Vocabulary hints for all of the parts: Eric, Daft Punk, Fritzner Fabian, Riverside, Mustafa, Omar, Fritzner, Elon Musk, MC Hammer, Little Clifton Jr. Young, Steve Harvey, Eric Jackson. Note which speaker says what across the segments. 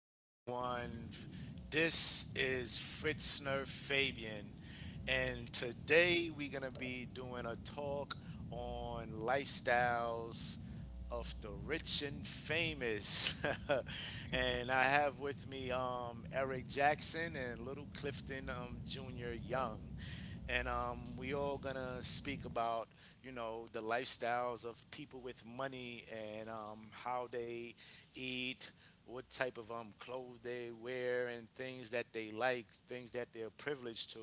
Speaker 1: everyone. This is Fritzner Fabian, and today we're going to be doing a talk on lifestyles of the rich and famous. And I have with me Eric Jackson and Little Clifton Jr. Young. And we all going to speak about the lifestyles of people with money and how they eat, what type of clothes they wear, and things that they like, things that they're privileged to,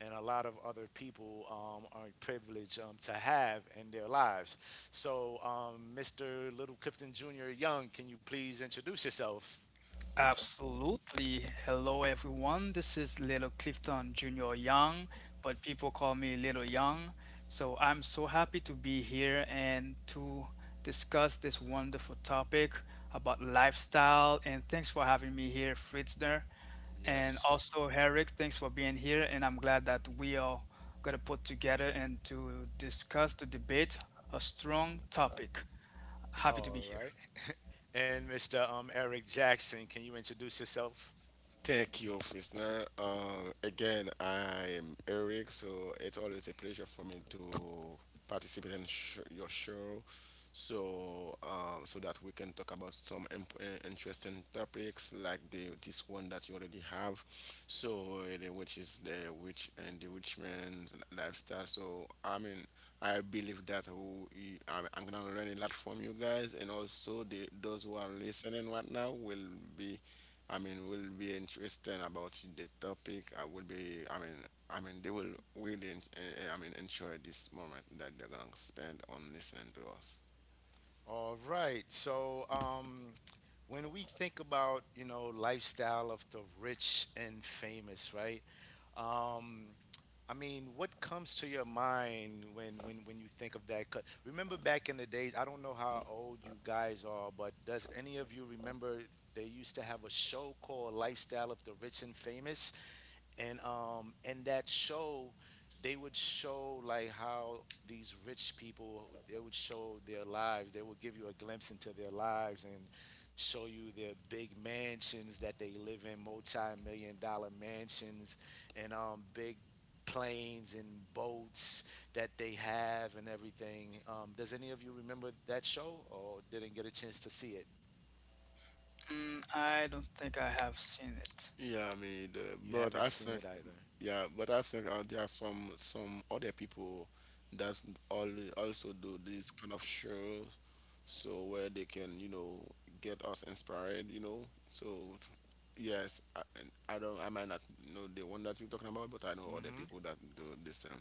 Speaker 1: and a lot of other people aren't privileged to have in their lives. So Mr. Little Clifton Jr. Young, can you please introduce yourself?
Speaker 2: Absolutely. Hello, everyone. This is Little Clifton Jr. Young, but people call me Little Young. So I'm so happy to be here and to discuss this wonderful topic about lifestyle. And thanks for having me here, Fritzner. And
Speaker 1: Yes.
Speaker 2: also, Eric, thanks for being here. And I'm glad that we are going to put together and to discuss, to debate a strong topic. Happy to be
Speaker 1: All
Speaker 2: here.
Speaker 1: right. And Mr. Eric Jackson, can you introduce yourself?
Speaker 3: Thank you, Frisner. Again, I am Eric, so it's always a pleasure for me to participate in your show, so that we can talk about some interesting topics like the this one that you already have, so which is the witch and the witch man's lifestyle. I believe that I'm gonna learn a lot from you guys, and also the those who are listening right now will be will be interested about the topic. I will be. They will really enjoy this moment that they're gonna spend on listening to us.
Speaker 1: All right. So when we think about lifestyle of the rich and famous, right? Um, I mean, what comes to your mind when you think of that? 'Cause remember back in the days, I don't know how old you guys are, but does any of you remember they used to have a show called Lifestyle of the Rich and Famous? And um, in that show, they would show like how these rich people, they would show their lives, they would give you a glimpse into their lives and show you their big mansions that they live in, multi-million-dollar mansions, and um, big planes and boats that they have, and everything. Does any of you remember that show or didn't get a chance to see it?
Speaker 2: Mm, I don't think I have seen it.
Speaker 3: Yeah, I mean, the,
Speaker 1: You
Speaker 3: but
Speaker 1: haven't
Speaker 3: I
Speaker 1: seen
Speaker 3: think,
Speaker 1: it either?
Speaker 3: yeah, but I think there are some other people that all also do these kind of shows, so where they can get us inspired, So yes, I don't, I might not know the one that you're talking about, but I know other
Speaker 1: Hmm.
Speaker 3: people that do the same.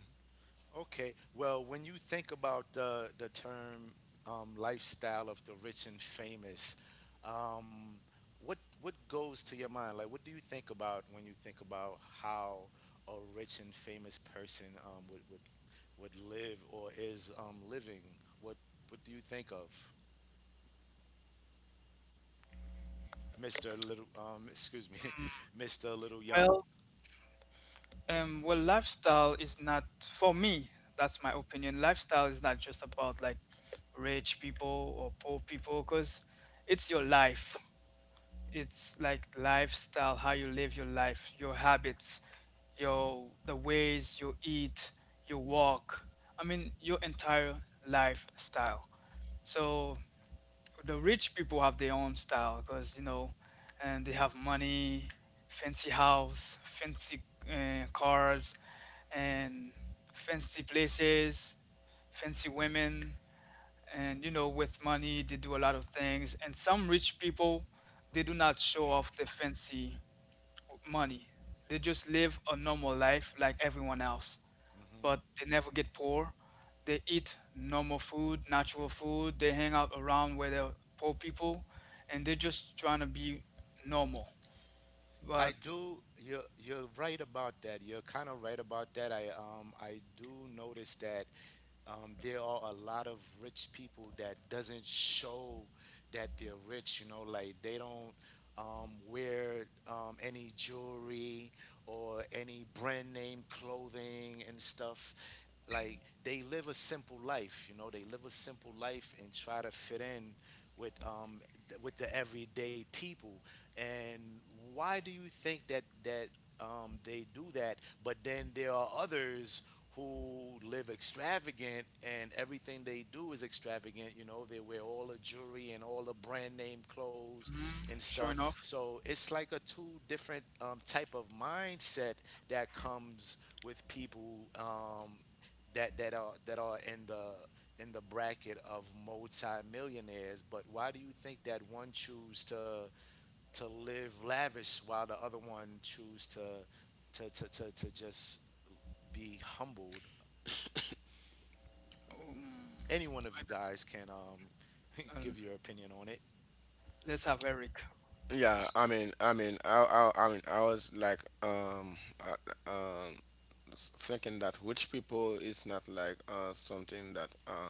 Speaker 1: Okay. Well, when you think about the term lifestyle of the rich and famous, um, what goes to your mind? Like, what do you think about when you think about how a rich and famous person would live or is living? What what do you think of, Mister Little? Excuse me, Mister Little Young.
Speaker 2: Well, well, lifestyle is not for me. That's my opinion. Lifestyle is not just about like rich people or poor people, because it's your life. It's like lifestyle, how you live your life, your habits, your the ways you eat, you walk. I mean, your entire lifestyle. So the rich people have their own style, because you know, and they have money, fancy house, fancy cars, and fancy places, fancy women, and you know, with money they do a lot of things. And some rich people, they do not show off the fancy money. They just live a normal life like everyone else,
Speaker 1: Mm-hmm.
Speaker 2: but they never get poor. They eat normal food, natural food. They hang out around where there are poor people, and they're just trying to be normal.
Speaker 1: I
Speaker 2: But
Speaker 1: do. You're right about that. You're kind of right about that. I um, I do notice that there are a lot of rich people that doesn't show that they're rich. You know, like they don't wear any jewelry or any brand name clothing and stuff. Like they live a simple life. You know, they live a simple life and try to fit in with um, with the everyday people, and why do you think that they do that? But then there are others who live extravagant, and everything they do is extravagant. You know, they wear all the jewelry and all the brand name clothes and
Speaker 2: sure
Speaker 1: stuff.
Speaker 2: enough,
Speaker 1: So it's like a two different type of mindset that comes with people that that are in the bracket of multi-millionaires. But why do you think that one choose to live lavish while the other one choose to to just be humbled? Any
Speaker 2: um,
Speaker 1: one of you guys can
Speaker 2: I, uh,
Speaker 1: give your opinion on it.
Speaker 2: let's have Eric.
Speaker 3: Yeah, I mean, I mean, I mean, I was like, uh, um, thinking that rich people is not like something that uh,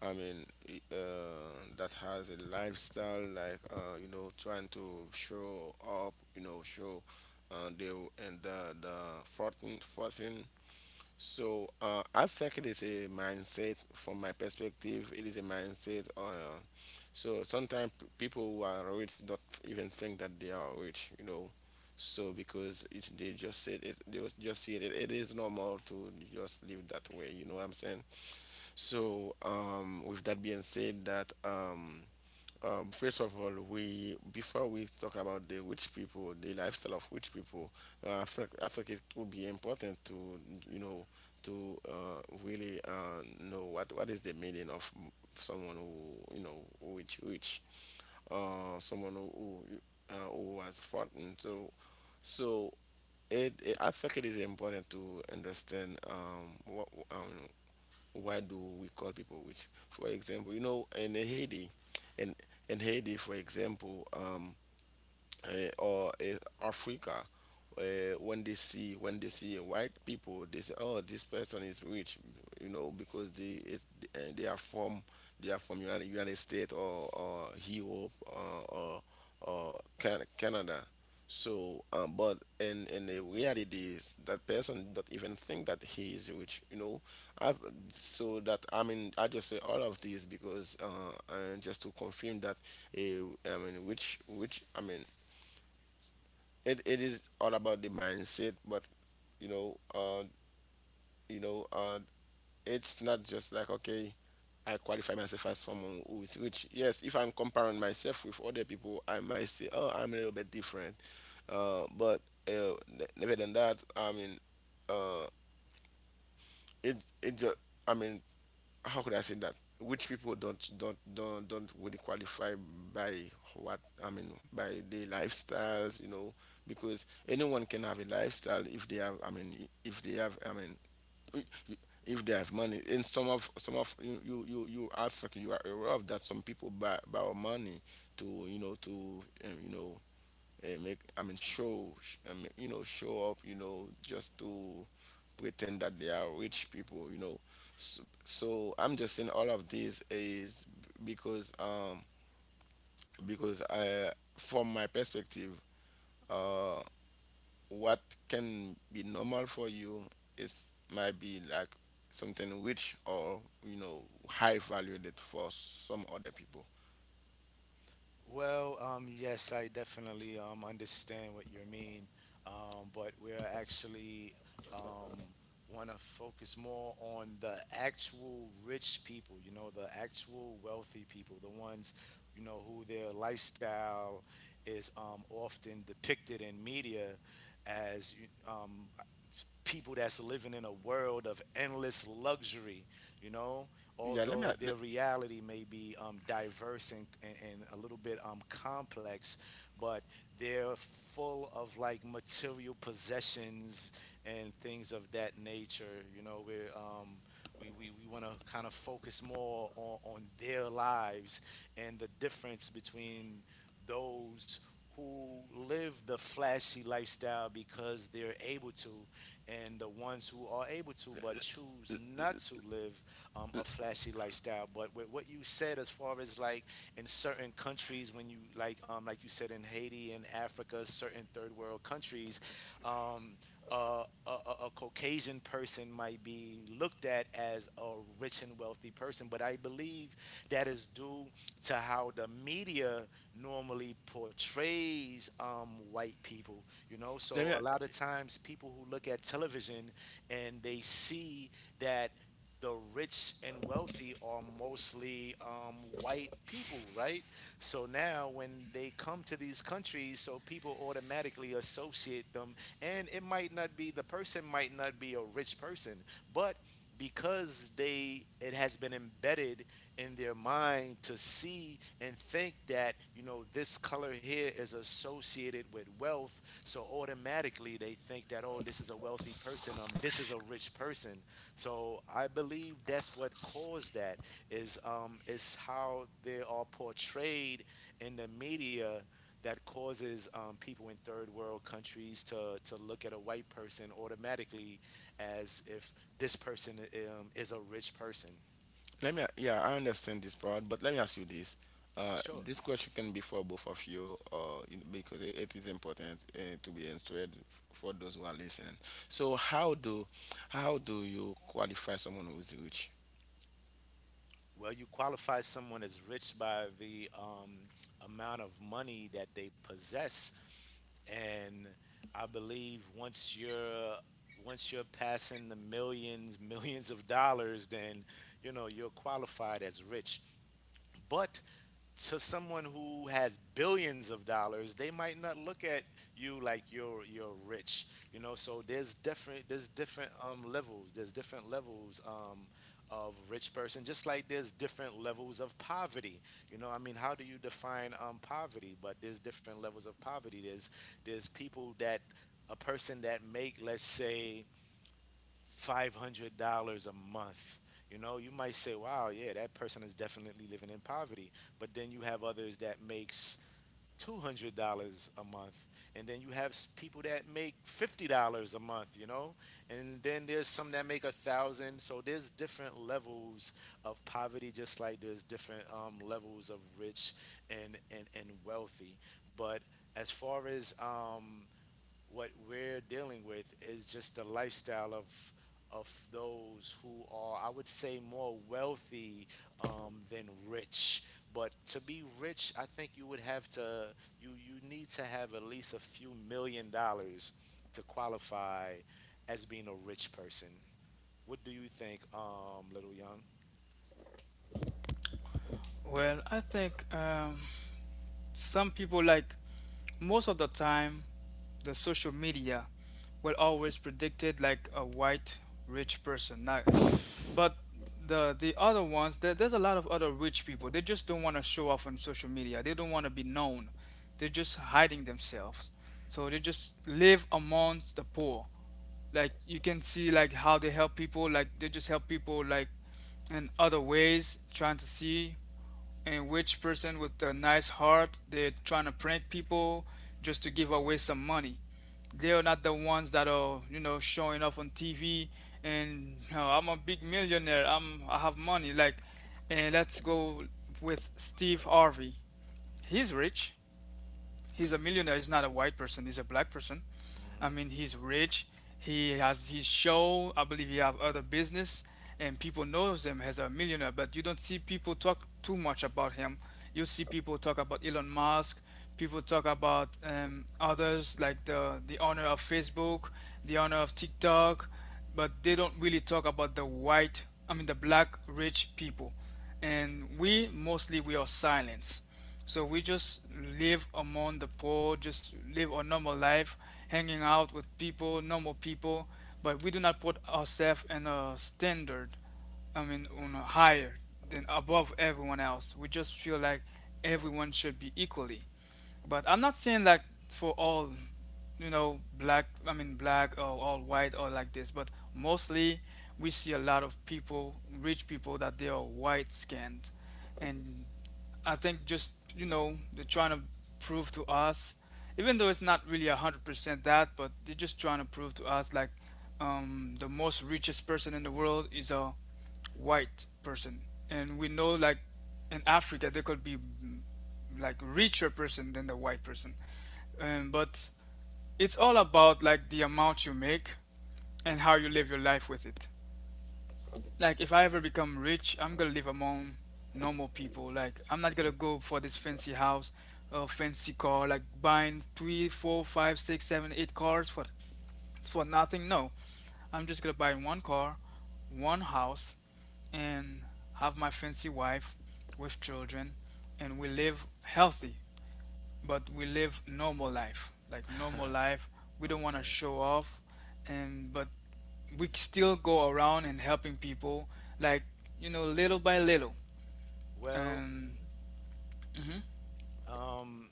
Speaker 3: I mean, i- uh, that has a lifestyle like you know, trying to show up, you know, show, uh, they the fortune. So I think it is a mindset from my perspective. It is a mindset. So sometimes people who are rich don't even think that they are rich, you know. So because they just said it, they was- just see it, it is normal to just live that way. You know what I'm saying? So with that being said, that first of all, we before we talk about the rich people, the lifestyle of rich people, I think it would be important to you know to really know what is the meaning of someone who you know who is rich, someone who has fought, and so it I think it is important to understand what do we call people with? For example, you know, in Haiti, in in Haiti, for example, uh, or Africa, uh, when they see white people, they say, "Oh, this person is rich," you know, because uh, they are from they are from United States or Europe or Canada. So but in the reality is that person don't even think that he is rich, you know. I've, so that I mean, I just say all of these because just to confirm that uh, I mean, which which I mean, it is all about the mindset but you know uh you know uh it's not just like okay, I qualify myself as someone who is rich. Yes, if I'm comparing myself with other people, I might say, oh, I'm a little bit different, but never than that. I mean uh it it just, I mean, how could I say that? Which people don't really qualify by what I mean by their lifestyles, you know, because anyone can have a lifestyle if they have I mean if they have I mean if they have money. And some of you are fucking you are aware of that some people buy borrow money to to you know and make I mean show sh- I mean, you know, show off, you know, just to pretend that they are rich people, you know. So I'm just saying all of this is because I, from my perspective, uh what can be normal for you is might be like something rich or you know high valued for some other people.
Speaker 1: Well, yes, I definitely understand what you mean, but we're actually um, want to focus more on the actual rich people, you know, the actual wealthy people, the ones, you know, who their lifestyle is often depicted in media as people that's living in a world of endless luxury, you know,
Speaker 3: yeah let me
Speaker 1: although their
Speaker 3: let,
Speaker 1: reality may be diverse and, and a little bit complex, but they're full of like material possessions and things of that nature, you know, where we want to kind of focus more on their lives and the difference between those who live the flashy lifestyle because they're able to, and the ones who are able to but choose not to live a flashy lifestyle. But with what you said, as far as like in certain countries, when you like you said, in Haiti and Africa, certain third world countries, um, Caucasian person might be looked at as a rich and wealthy person, but I believe that is due to how the media normally portrays white people. You know,
Speaker 3: let
Speaker 1: so
Speaker 3: me
Speaker 1: a lot of times people who look at television and they see that the rich and wealthy are mostly white people, right? So now when they come to these countries, so people automatically associate them, and it might not be, the person might not be a rich person, but because they, it has been embedded in their mind to see and think that you know this color here is associated with wealth, so automatically they think that, oh, this is a wealthy person, um, this is a rich person. So I believe that's what caused that is um, is how they are portrayed in the media, that causes people in third world countries to look at a white person automatically as if this person is a rich person.
Speaker 3: Let me, yeah, I understand this part, but let me ask you this. Uh,
Speaker 1: Sure.
Speaker 3: this question can be for both of you, you, because it is important to be answered for those who are listening. So, how do you qualify someone who is rich?
Speaker 1: Well, you qualify someone as rich by the amount of money that they possess, and I believe once you're passing the millions, millions of dollars, then you know you're qualified as rich. But to someone who has billions of dollars, they might not look at you like you're rich, you know. So there's different, there's different levels. There's different levels of rich person, just like there's different levels of poverty. You know, I mean, how do you define poverty? But there's different levels of poverty. There's people that, a person that make, let's say, $500 a month. You know, you might say, "Wow, yeah, that person is definitely living in poverty." But then you have others that makes $200 a month, and then you have people that make $50 a month. You know, and then there's some that make a thousand. So there's different levels of poverty, just like there's different levels of rich and wealthy. But as far as what we're dealing with is just the lifestyle of those who are, I would say, more wealthy than rich. But to be rich, I think you would have to, you need to have at least a few million dollars to qualify as being a rich person. What do you think, Little Young?
Speaker 2: Well, I think, some people like most of the time, the social media will always predict it like a white rich person. Not, but the other ones, there's a lot of other rich people. They just don't want to show off on social media. They don't want to be known. They're just hiding themselves. So they just live amongst the poor. Like, you can see like how they help people. Like, they just help people like in other ways, trying to see and which person with a nice heart, they're trying to prank people just to give away some money. They are not the ones that are, showing off on TV. And, I'm a big millionaire, I have money, like. And let's go with Steve Harvey. He's rich. He's a millionaire. He's not a white person, he's a black person. I
Speaker 1: Hmm.
Speaker 2: mean, he's rich. He has his show. I believe he have other business, and people knows him as a millionaire. But you don't see people talk too much about him. You see people talk about Elon Musk. People talk about, others like the owner of Facebook, the owner of TikTok, but they don't really talk about the white. I mean, the black rich people, and we mostly we are silenced. So we just live among the poor, just live a normal life, hanging out with people, normal people, but we do not put ourselves in a standard, I mean, on a higher than above everyone else. We just feel like everyone should be equally. But I'm not saying like for all, you know, black, I mean, black or all white or like this, but mostly we see a lot of people, rich people, that they are white skinned. And I think just, they're trying to prove to us, even though it's not really 100% that, but they're just trying to prove to us like, the most richest person in the world is a white person. And we know like in Africa there could be, like richer person than the white person. But it's all about like the amount you make, and how you live your life with it. Like, if I ever become rich, I'm gonna live among normal people. Like, I'm not gonna go for this fancy house or fancy car, like buying 3, 4, 5, 6, 7, 8 cars for nothing. No, I'm just gonna buy one car, one house, and have my fancy wife with children, and we live healthy. But we live normal life like normal life, we don't want to
Speaker 1: Okay.
Speaker 2: show off. And, but we still go around and helping people, like, little by little.
Speaker 1: Well,
Speaker 2: And mhm.
Speaker 1: um,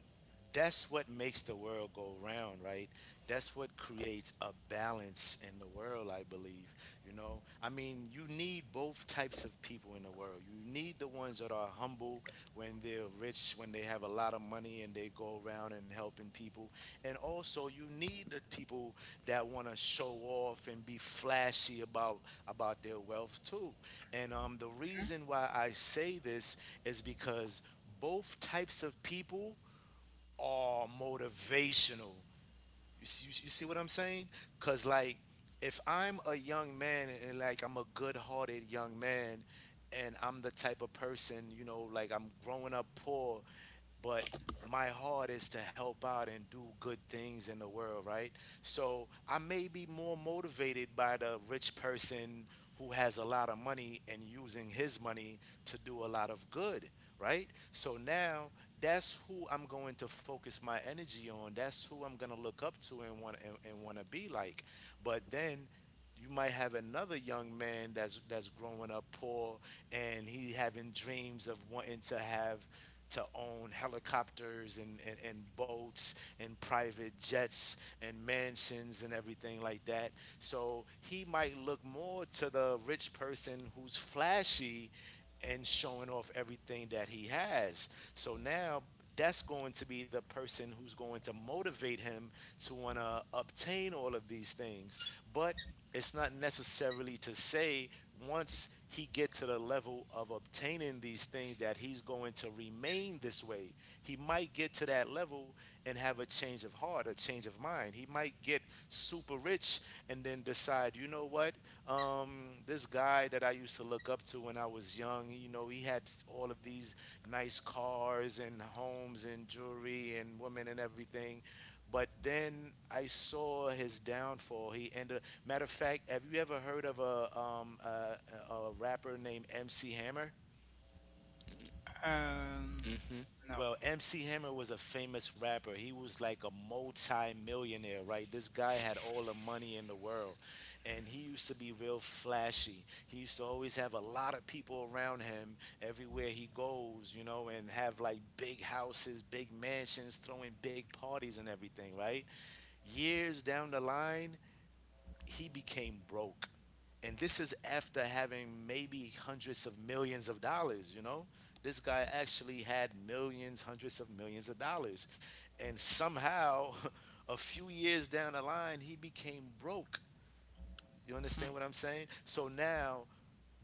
Speaker 1: that's what makes the world go round, right? That's what creates a balance in the world, I believe. You know, I mean, you need both types of people in the world. You need the ones that are humble when they're rich, when they have a lot of money and they go around and helping people. And also, you need the people that want to show off and be flashy about their wealth too. And the reason why I say this is because both types of people are motivational. You see what I'm saying? Cause like, if I'm a young man, and like I'm a good-hearted young man, and I'm the type of person, you know, like I'm growing up poor, but my heart is to help out and do good things in the world, right? So I may be more motivated by the rich person who has a lot of money and using his money to do a lot of good, right? So now that's who I'm going to focus my energy on. That's who I'm going to look up to and want, and want to be like. But then you might have another young man that's growing up poor, and he having dreams of wanting to have to own helicopters, and boats, and private jets, and mansions, and everything like that. So he might look more to the rich person who's flashy and showing off everything that he has. So now that's going to be the person who's going to motivate him to want to obtain all of these things. But it's not necessarily to say once he gets to the level of obtaining these things that he's going to remain this way. He might get to that level and have a change of heart, a change of mind. He might get super rich and then decide, you know what, this guy that I used to look up to when I was young, you know, he had all of these nice cars and homes and jewelry and women and everything, but then I saw his downfall. He ended. Matter of fact, have you ever heard of a rapper named MC Hammer?
Speaker 2: um
Speaker 3: Hmm
Speaker 2: no.
Speaker 1: Well, MC Hammer was a famous rapper. He was like a multi-millionaire, right? This guy had all the money in the world, and he used to be real flashy. He used to always have a lot of people around him everywhere he goes, you know, and have like big houses, big mansions, throwing big parties and everything, right? Years down the line, he became broke. And this is after having maybe hundreds of millions of dollars, you know? This guy actually had millions, hundreds of millions of dollars. And somehow, a few years down the line, he became broke. You understand what I'm saying? So now,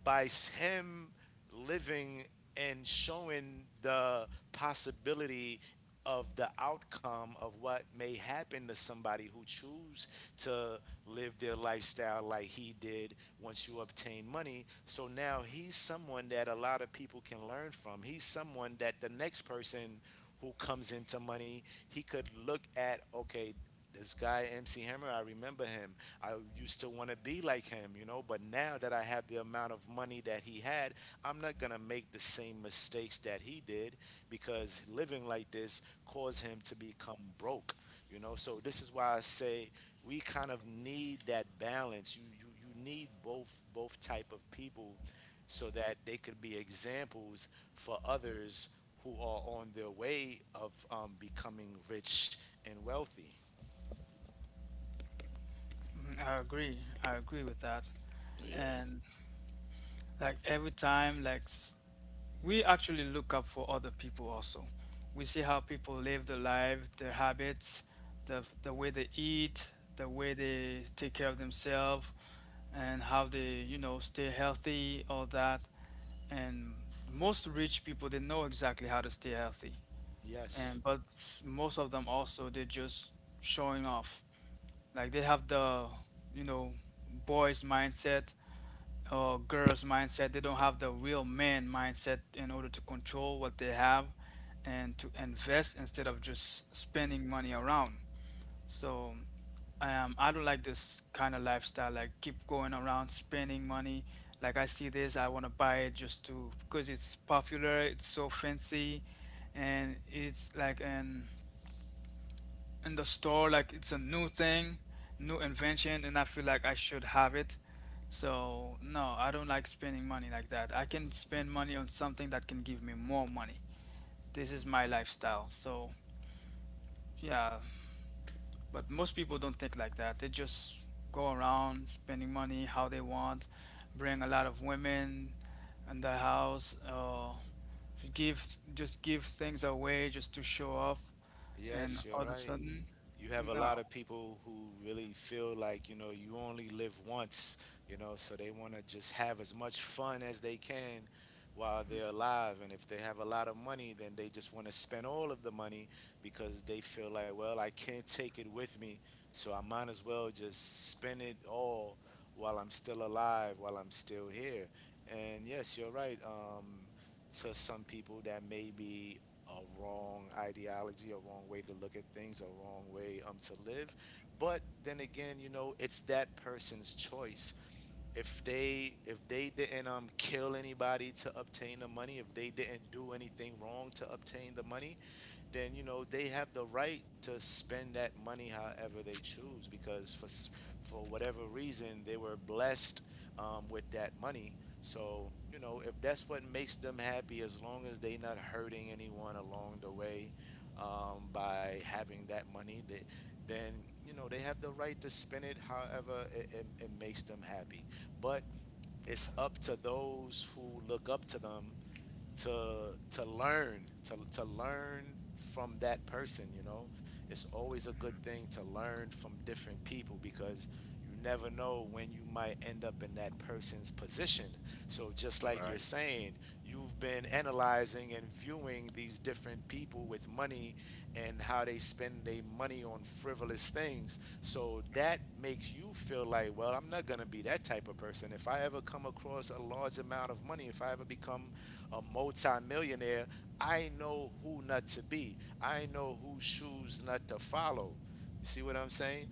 Speaker 1: by him living and showing the possibility of the outcome of what may happen to somebody who choose to live their lifestyle like he did once you obtain money, so now he's someone that a lot of people can learn from. He's someone that the next person who comes into money, he could look at, okay, this guy MC Hammer, I remember him. I used to want to be like him, you know, but now that I have the amount of money that he had, I'm not going to make the same mistakes that he did because living like this caused him to become broke, you know. So this is why I say we kind of need that balance. You need both type of people so that they could be examples for others who are on their way of becoming rich and wealthy.
Speaker 2: Hmm. I agree with that.
Speaker 3: Yes,
Speaker 2: And like every time, like we actually look up for other people also. We see how people live their life, their habits, the way they eat, the way they take care of themselves, and how they, stay healthy, all that. And most rich people, they know exactly how to stay healthy,
Speaker 1: Yes,
Speaker 2: and but s- most of them also, they're just showing off. Like, they have the, you know boys mindset or girls mindset. They don't have the real man mindset in order to control what they have, and to invest instead of just spending money around. So, I don't like this kind of lifestyle, like keep going around spending money. Like, I see this, I want to buy it just to because it's popular, it's so fancy, and it's like an in the store, like it's a new thing, new invention, and I feel like I should have it. So no, I don't like spending money like that. I can spend money on something that can give me more money. This is my lifestyle, so yeah. But most people don't think like that, they just go around spending money how they want, bring a lot of women in the house, give, just give things away just to show off. And
Speaker 1: yes, you're
Speaker 2: all of a
Speaker 1: right.
Speaker 2: sudden,
Speaker 1: You have a
Speaker 2: no.
Speaker 1: lot of people who really feel like, you know, you only live once, you know, so they want to just have as much fun as they can while
Speaker 2: Mm,
Speaker 1: they're alive. And if they have a lot of money, then they just want to spend all of the money because they feel like, well, I can't take it with me, so I might as well just spend it all while I'm still alive, while I'm still here. And yes, you're right. To some people that may be a wrong ideology, a wrong way to look at things, a wrong way to live. But then again, you know, it's that person's choice. If they didn't kill anybody to obtain the money, if they didn't do anything wrong to obtain the money, then you know they have the right to spend that money however they choose because for whatever reason they were blessed with that money. So you know if that's what makes them happy, as long as they not hurting anyone along the way by having that money, they, then you know they have the right to spend it however it makes them happy. But it's up to those who look up to them to learn to learn from that person, you know. It's always a good thing to learn from different people because you never know when you might end up in that person's position. So just like you're
Speaker 3: right.
Speaker 1: saying, you've been analyzing and viewing these different people with money and how they spend their money on frivolous things, so that makes you feel like, well, I'm not going to be that type of person. If I ever come across a large amount of money, if I ever become a multimillionaire, I know who not to be. I know whose shoes not to follow. You see what I'm saying?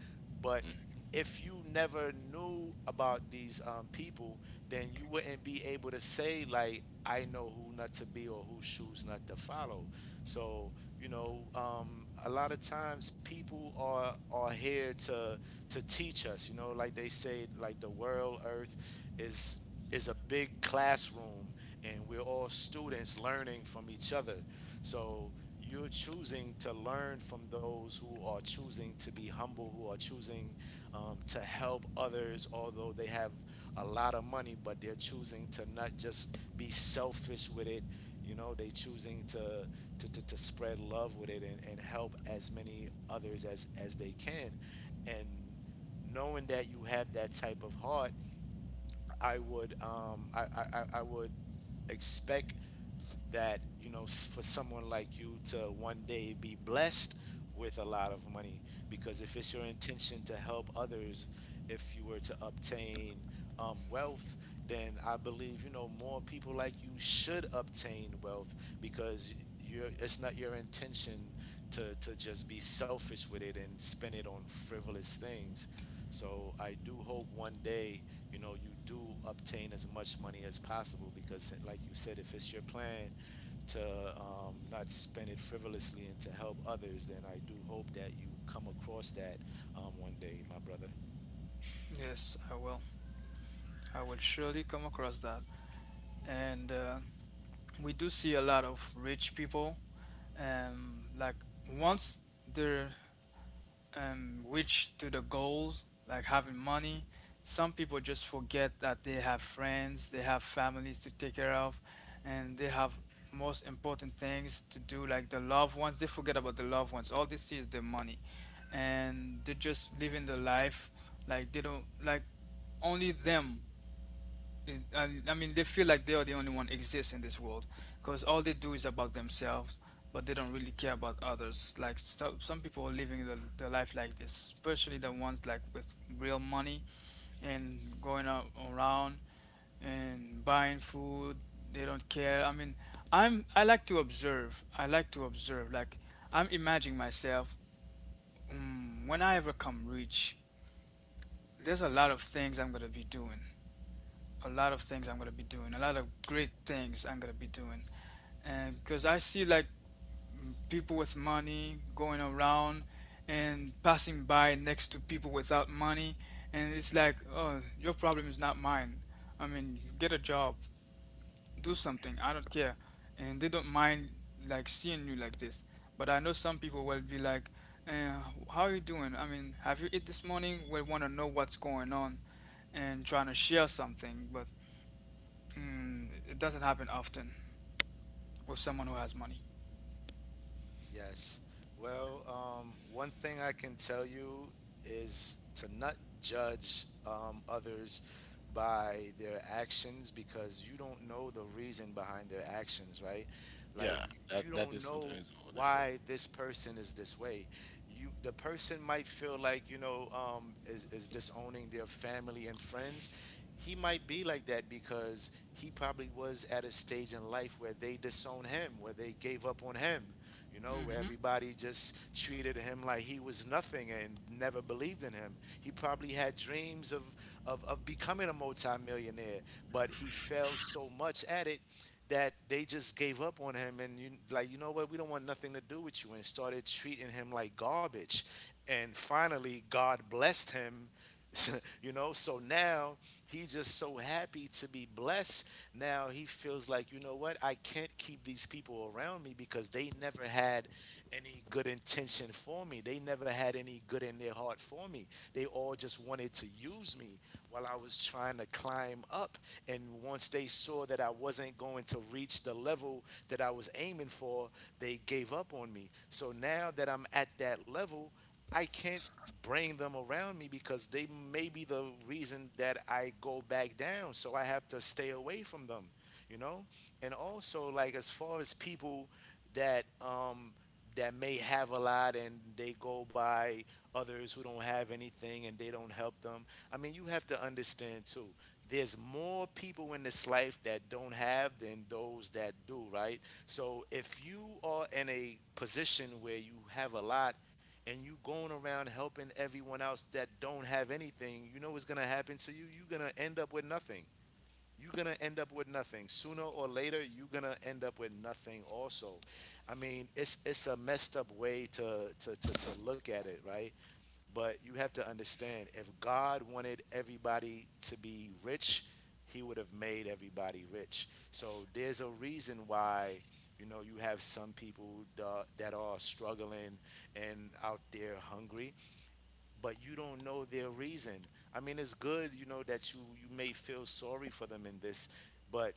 Speaker 1: But
Speaker 3: hmm
Speaker 1: if you never knew about these people, then you wouldn't be able to say like, I know who not to be or whose shoes not to follow. So you know, a lot of times people are here to teach us. You know, like they say, like the world, earth is is a big classroom and we're all students learning from each other. So you're choosing to learn from those who are choosing to be humble, who are choosing to help others, although they have a lot of money, but they're choosing to not just be selfish with it. You know, they choosing to spread love with it and help as many others as they can. And knowing that you have that type of heart, I would I would expect that you know for someone like you to one day be blessed with a lot of money, because if it's your intention to help others, if you were to obtain wealth, then I believe, you know, more people like you should obtain wealth because you're, it's not your intention to just be selfish with it and spend it on frivolous things. So I do hope one day, you know, you do obtain as much money as possible because, like you said, if it's your plan to not spend it frivolously and to help others, then I do hope that you come across that one day, my brother.
Speaker 2: yes, I will surely come across that. And we do see a lot of rich people. And like, once they're, rich to the goal, like having money, some people just forget that they have friends, they have families to take care of, and they have most important things to do, like the loved ones. They forget about the loved ones. All they see is the money, and they're just living the life, like they don't like only them and I mean, they feel like they are the only one exists in this world, because all they do is about themselves, but they don't really care about others. Like, so, some people are living the life like this, especially the ones like with real money, and going out around and buying food. They don't care. I mean, I like to observe. I like to observe. Like, I'm imagining myself, when I ever come rich. There's a lot of things I'm gonna be doing, a lot of things I'm gonna be doing, a lot of great things I'm gonna be doing. And because I see like people with money going around and passing by next to people without money, and it's like, oh, your problem is not mine. I mean, get a job, do something, I don't care. And they don't mind like seeing you like this. But I know some people will be like, eh, how are you doing? I mean, have you eat this morning? Will want to know what's going on and trying to share something. But it doesn't happen often with someone who has money.
Speaker 1: Yes. Well, one thing I can tell you is to not judge others by their actions because you don't know the reason behind their actions, right? Like
Speaker 3: Yeah,
Speaker 1: you
Speaker 3: that
Speaker 1: you
Speaker 3: that
Speaker 1: don't
Speaker 3: is something
Speaker 1: know
Speaker 3: is important.
Speaker 1: why this person is this way. You, the person might feel like, you know, is disowning their family and friends, he might be like that because he probably was at a stage in life where they disowned him, where they gave up on him, you know, where
Speaker 2: Hmm.
Speaker 1: everybody just treated him like he was nothing and never believed in him. He probably had dreams of, of becoming a multimillionaire, but he failed so much at it that they just gave up on him, and you like, you know what, we don't want nothing to do with you, and started treating him like garbage. And finally God blessed him. You know, so now he's just so happy to be blessed. Now he feels like, you know what? I can't keep these people around me because they never had any good intention for me. They never had any good in their heart for me. They all just wanted to use me while I was trying to climb up. And once they saw that I wasn't going to reach the level that I was aiming for, they gave up on me. So now that I'm at that level, I can't bring them around me because they may be the reason that I go back down. So I have to stay away from them, you know? And also, like, as far as people that, that may have a lot and they go by others who don't have anything and they don't help them. I mean, you have to understand too. There's more people in this life that don't have than those that do, right? So if you are in a position where you have a lot and you going around helping everyone else that don't have anything, you know what's gonna happen to you? You're gonna end up with nothing. You're gonna end up with nothing. Sooner or later, you're gonna end up with nothing also. I mean, it's a messed up way to look at it, right? But you have to understand, if God wanted everybody to be rich, he would have made everybody rich. So there's a reason why, you know, you have some people that are struggling and out there hungry, but you don't know their reason. I mean, it's good, you know, that you may feel sorry for them in this, but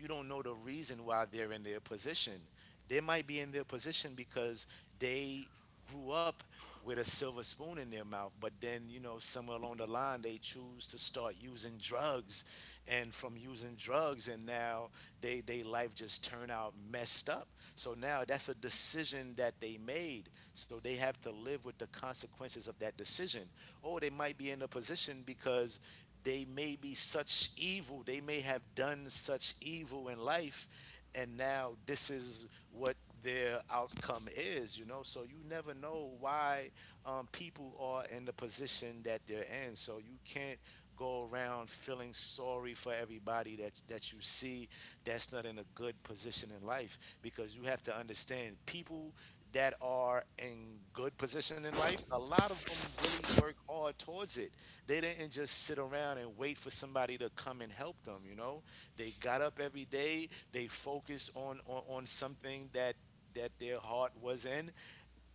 Speaker 1: you don't know the reason why they're in their position. They might be in their position because they grew up with a silver spoon in their mouth, but then, you know, somewhere along the line, they choose to start using drugs. And from using drugs, and now they life just turn out messed up. So now that's a decision that they made. So they have to live with the consequences of that decision. Or they might be in a position because they may be such evil, they may have done such evil in life, and now this is what their outcome is, you know. So you never know why people are in the position that they're in. So you can't go around feeling sorry for everybody that you see that's not in a good position in life, because you have to understand, people that are in good position in life, a lot of them really work hard towards it. They didn't just sit around and wait for somebody to come and help them, you know? They got up every day, they focused on on something that that their heart was in,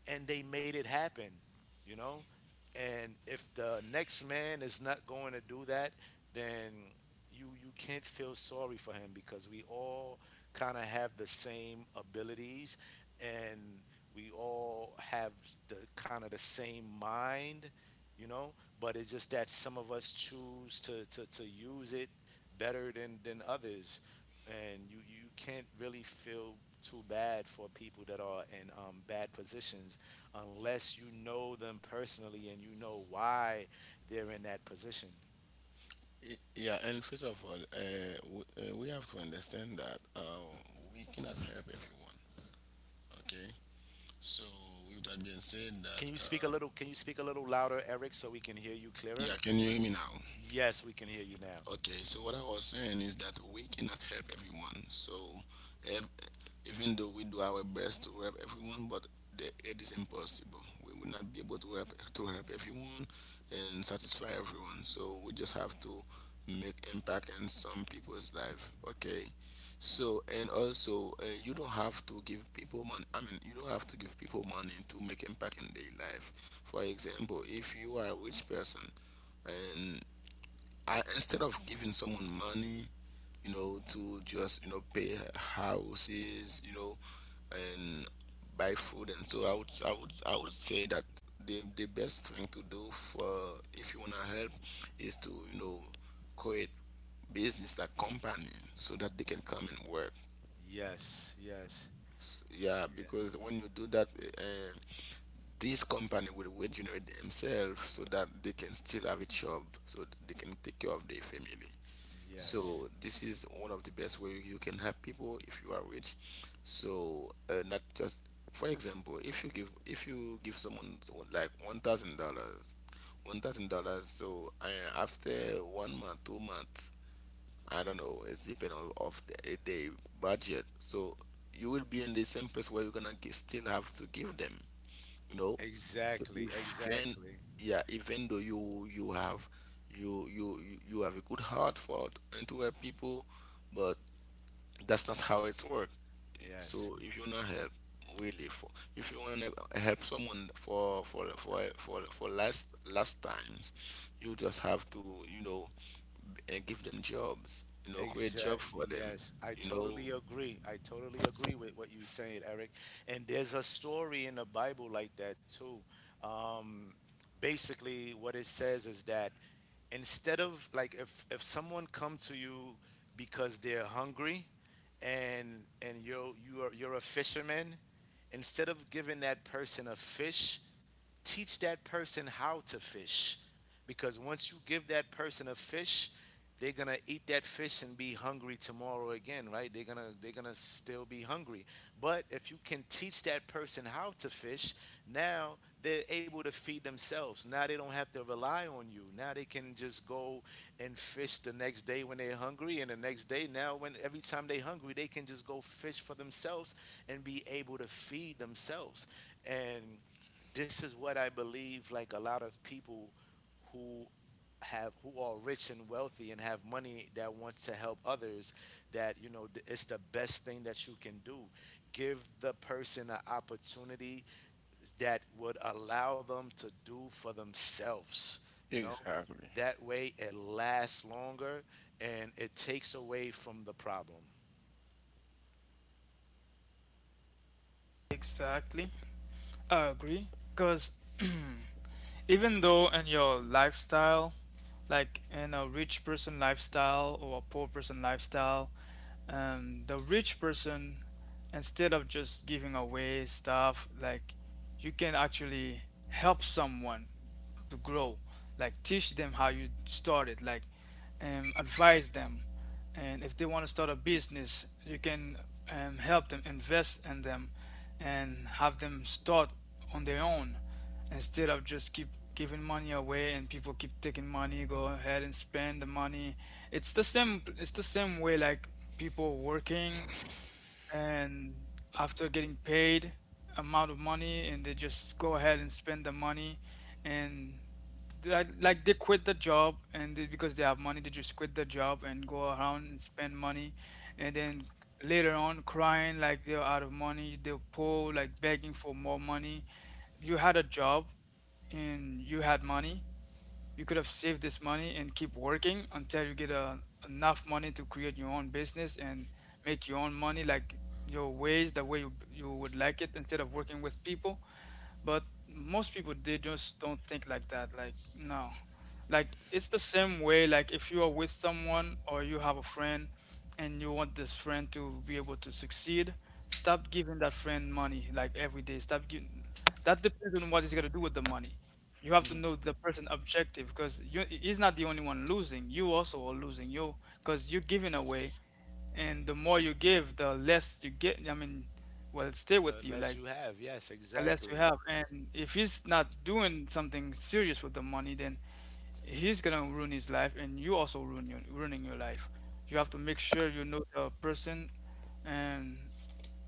Speaker 1: and they made it happen, you know? And if the next man is not going to do that, then you can't feel sorry for him because we all kind of have the same abilities, and we all have the kind of the same mind, you know, but it's just that some of us choose to use it better than others, and you can't really feel too bad for people that are in bad positions unless you know them personally and you know why they're in that position.
Speaker 3: And first of all, we have to understand that we cannot help everyone. Okay, so with that being said,
Speaker 1: Can
Speaker 3: that
Speaker 1: you speak a little? Can you speak a little louder, Eric, so we can hear you
Speaker 3: yeah,
Speaker 1: clearer?
Speaker 3: can you hear me now?
Speaker 1: Yes, we can hear you now.
Speaker 3: Okay, so what I was saying is that we cannot help everyone. So, ev- even though we do our best to help everyone, but it is impossible. We will not be able to help everyone and satisfy everyone. So we just have to make impact in some people's life. Okay. So and also, you don't have to give people money. I mean, you don't have to give people money to make impact in their life. For example, if you are a rich person, I instead of giving someone money, you know, to just you know pay houses, you know, and buy food, and so I would say that the best thing to do for if you wanna help is to you know create business like company so that they can come and work.
Speaker 1: Yes, yes.
Speaker 3: Yeah,
Speaker 1: Yeah.
Speaker 3: because when you do that, uh, this company will regenerate themselves so that they can still have a job, so they can take care of their family. So
Speaker 1: Yes.
Speaker 3: this is one of the best way you can help people if you are rich. So not just for example, if you give someone like $1,000, $1,000. So after 1 month, 2 months, I don't know. It's depend on of the budget. So you will be in the same place where you're gonna g still have to give them, you know. So
Speaker 1: Exactly,
Speaker 3: even,
Speaker 1: exactly.
Speaker 3: yeah, even though you have you have a good heart for and to help people, but that's not how it's work.
Speaker 1: Yes.
Speaker 3: So if you want to help, really, for if you want to help someone for last last times, you just have to you know give them jobs, you know, create jobs
Speaker 1: Exactly.
Speaker 3: for them,
Speaker 1: Yes, I
Speaker 3: you know,
Speaker 1: totally agree. I totally agree with what you're saying, Eric. And there's a story in the Bible like that too. Um, Basically, what it says is that, instead of, like, if someone come to you because they're hungry, and you're a fisherman, instead of giving that person a fish, teach that person how to fish, because once you give that person a fish, they're gonna eat that fish and be hungry tomorrow again, right? They're gonna still be hungry. But if you can teach that person how to fish, now they're able to feed themselves, now they don't have to rely on you, now they can just go and fish the next day when they're hungry, and the next day, now, when every time they're hungry, they can just go fish for themselves and be able to feed themselves. And this is what I believe, like, a lot of people who who are rich and wealthy and have money that wants to help others, that you know th- it's the best thing that you can do: give the person an opportunity that would allow them to do for themselves, you know,
Speaker 3: exactly.
Speaker 1: that way it lasts longer and it takes away from the problem.
Speaker 2: Exactly. I agree. Because even though in your lifestyle, like in a rich person lifestyle or a poor person lifestyle, the rich person, instead of just giving away stuff, like you can actually help someone to grow, like teach them how you started, like, advise them, and if they want to start a business, you can, help them invest in them and have them start on their own, instead of just keep giving money away and people keep taking money, go ahead and spend the money. It's the same way, like people working and after getting paid amount of money, and they just go ahead and spend the money. And like they quit the job, and they, because they have money, they just quit the job and go around and spend money. And then later on crying, like they're out of money, they're poor, like begging for more money. You had a job and you had money, you could have saved this money and keep working until you get, enough money to create your own business and make your own money like your ways, the way you would like it, instead of working with people. But most people, they just don't think like that, like no. Like, it's the same way, like, if you are with someone or you have a friend and you want this friend to be able to succeed, stop giving that friend money, like every day, stop giving. That depends on what he's going to do with the money. You have to know the person objective, because you he's not the only one losing, you also are losing, you, because you're giving away, and the more you give the less you get. I mean, well, stay
Speaker 1: The
Speaker 2: with you
Speaker 1: less
Speaker 2: like,
Speaker 1: you have, yes,
Speaker 2: the less you
Speaker 1: exactly.
Speaker 2: have. And if he's not doing something serious with the money, then he's gonna ruin his life, and you also ruining your life. You have to make sure you know the person and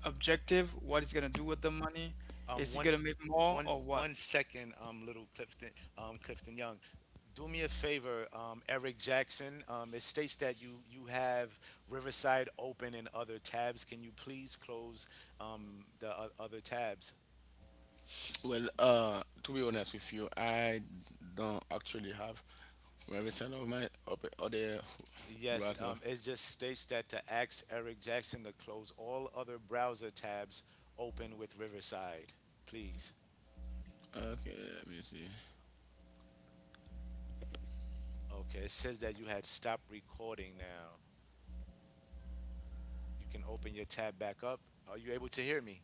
Speaker 2: objective, what he's gonna do with the money.
Speaker 1: Um,
Speaker 2: Is he
Speaker 1: one,
Speaker 2: gonna make more or
Speaker 1: one
Speaker 2: what?
Speaker 1: second, little Clifton, Clifton Young. Do me a favor, Eric Jackson. It states that you have Riverside open in other tabs. Can you please close the other tabs?
Speaker 3: Well, to be honest with you, I don't actually have revision of my up other
Speaker 1: Yes,
Speaker 3: browser.
Speaker 1: it just states that to ask Eric Jackson to close all other browser tabs open with Riverside, please.
Speaker 3: Okay, let me see.
Speaker 1: Okay, it says that you had stopped recording now. You can open your tab back up. Are you able to hear me?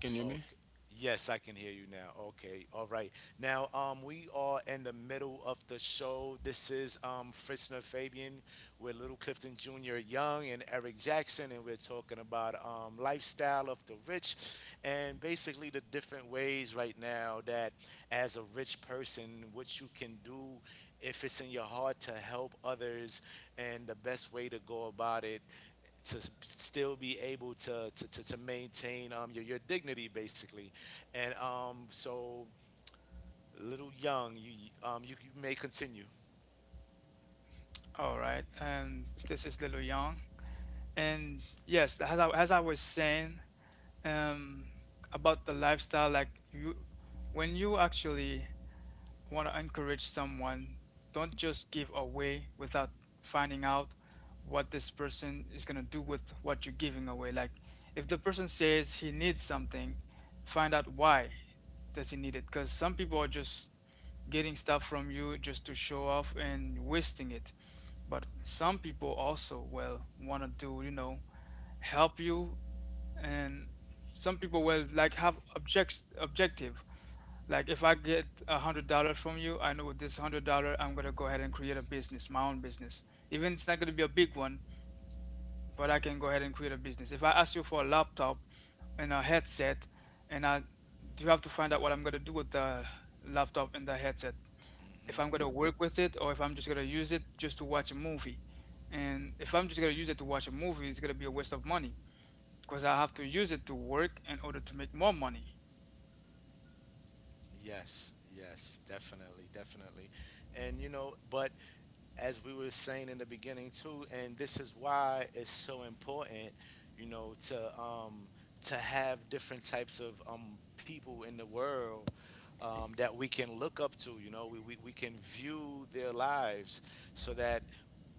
Speaker 3: Can you hear me?
Speaker 1: Okay. Yes, I can hear you now. Okay. All right. Now, we are in the middle of the show. This is Fritzner Fabian with Little Clifton Jr. Young and Eric Jackson, and we're talking about lifestyle of the rich, and basically the different ways right now that, as a rich person, what you can do if it's in your heart to help others, and the best way to go about it, to still be able to maintain your dignity, basically, and so, Little Young, you may continue. Mm-hmm. Yes, yes, definitely, definitely. And you know, but as we were saying in the beginning too, and this is why it's so important, you know, to have different types of people in the world, that we can look up to, you know, we can view their lives, so that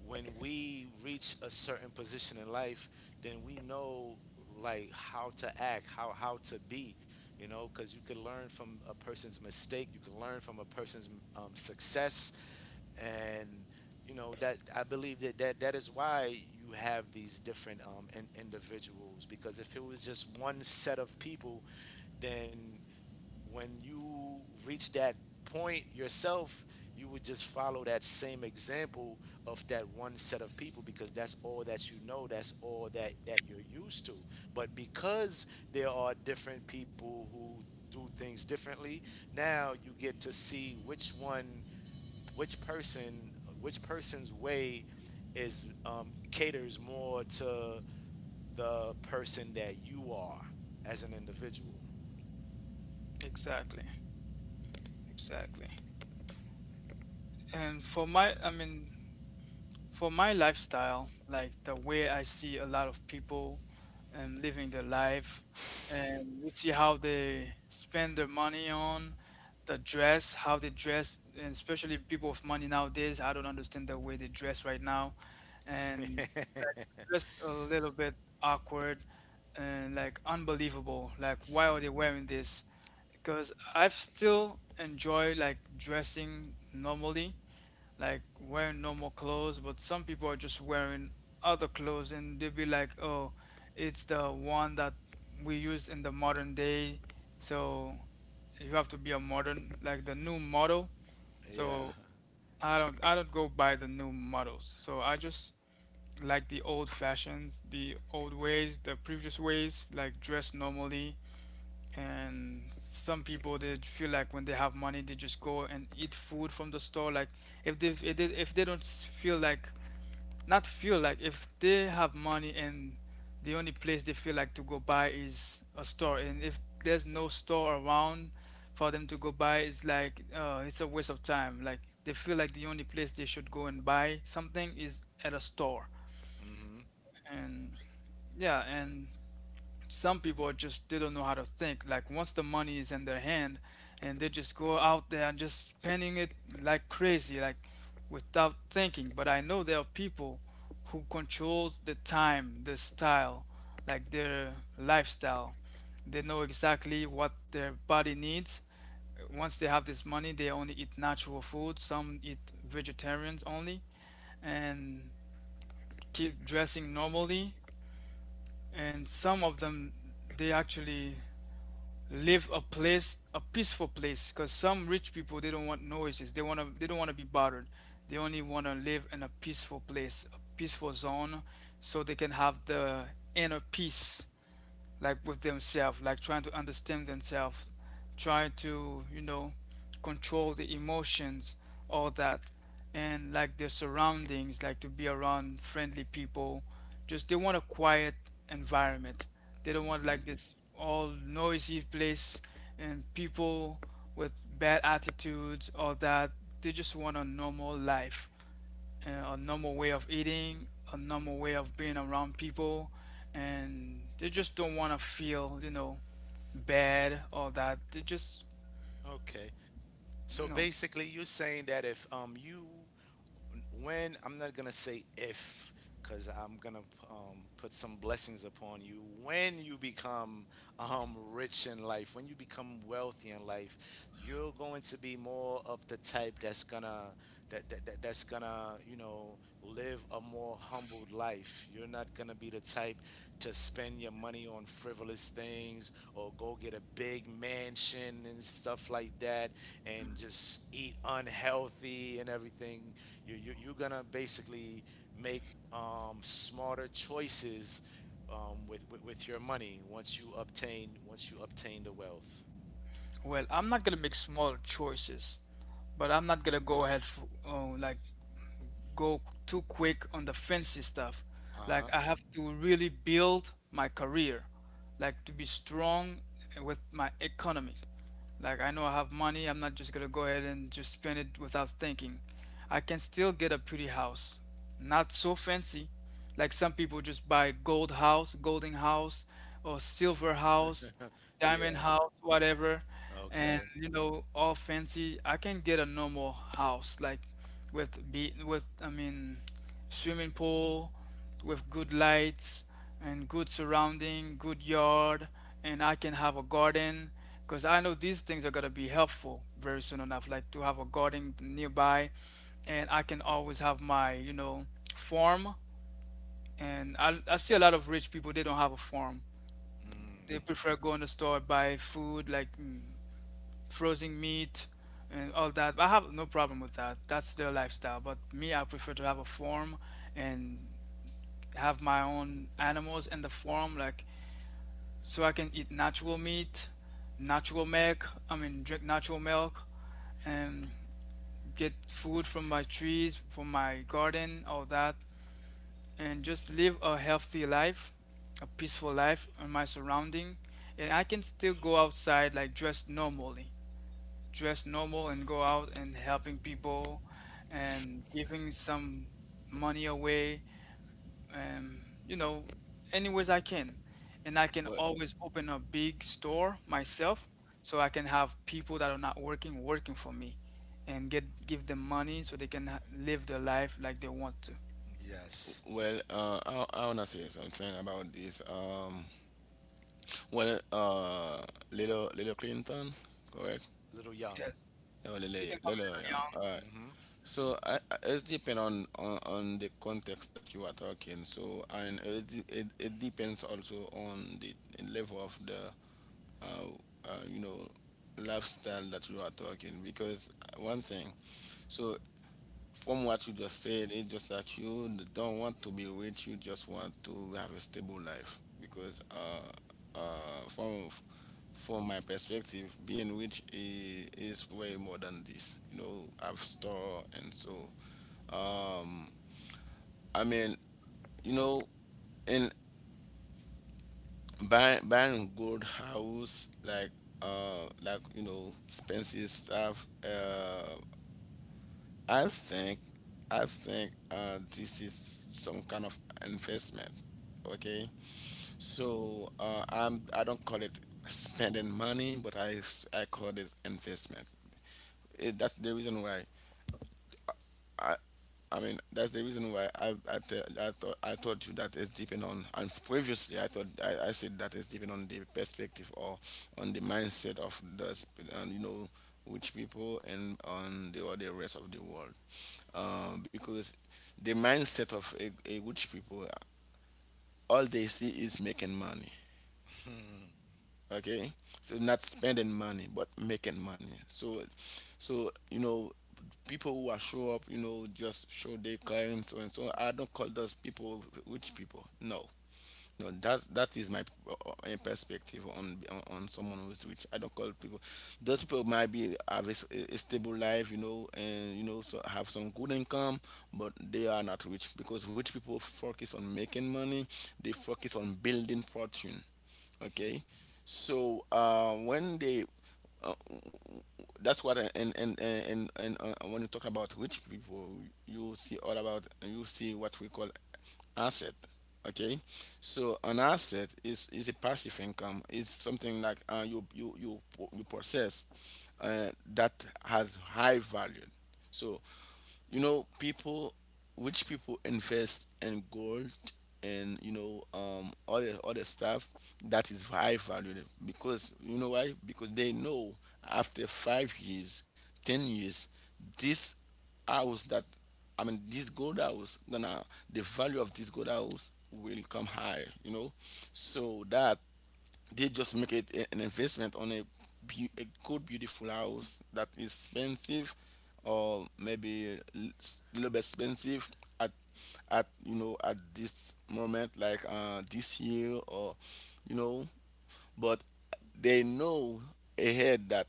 Speaker 1: when we reach a certain position in life, then we know like how to act, how to be, you know, because you could learn from a person's mistake, you can learn from a person's success, and you know that I believe that that is why you have these different individuals, because if it was just one set of people, then when you reach that point yourself, you would just follow that same example of that one set of people, because that's all that you know, that's all that that you're used to. But because there are different people who do things differently, now you get to see which one, which person, which person's way is caters more to the person that you are as an individual. Yeah. Mm-hmm. Mm-hmm. Okay. So basically, you're saying that if you when, I'm not gonna say if, because I'm gonna put some blessings upon you, when you become rich in life, when you become wealthy in life, you're going to be more of the type that's gonna that, that, that that's gonna, you know, live a more humbled life. You're not going to be the type to spend your money on frivolous things or go get a big mansion and stuff like that and just eat unhealthy and everything. You're going to basically make smarter choices, with your money, once you obtain the wealth. Uh huh. Yeah. Okay. Mm.
Speaker 3: Well,
Speaker 1: Yes.
Speaker 3: I wanna say something about this. Well, uh, little Clinton, correct?
Speaker 1: Little Young.
Speaker 3: No, little Young. All right.
Speaker 1: Hmm.
Speaker 3: So it's depend on, on the context that you are talking. So and it, it depends also on the level of the uh, you know, lifestyle that you are talking. Because one thing, so from what you just said, it's just like you don't want to be rich. You just want to have a stable life. Because uh, from from my perspective, being rich is way more than this. You know, I've store and so I mean, you know, in buying good house like you know expensive stuff. I think I think this is some kind of investment. Okay, so I'm I don't call it spending money, but I call it investment. That's the reason why I, I mean, that's the reason why I thought I told you that it's depending on. And previously, I thought I said that it's depending on the perspective or on the mindset of the and you know which people and on the or the rest of the world, because the mindset of a rich people, all they see is making money. Okay, so not spending money, but making money. So, so you know people who are show up, you know, just show their clients so and so, I don't call those people rich people. No, no, that is my perspective on on someone who is rich. I don't call people. Those people might be have a stable life, you know, and you know, so have some good income, but they are not rich because rich people focus on making money. They focus on building fortune. Okay, so when they uh, that's what and and when you talk about rich people, you see all about you see what we call asset. Okay, so an asset is a passive income. It's something like you you possess that has high value. So you know people which people invest in gold and other stuff that is high valuable because you know why? Because they know after 5 years, 10 years, this house that I mean this gold house gonna, the value of this gold house will come high, you know, so that they just make it an investment on a a good beautiful house that is expensive, or maybe a little bit expensive at you know, at this moment, like this year or you know. But they know ahead that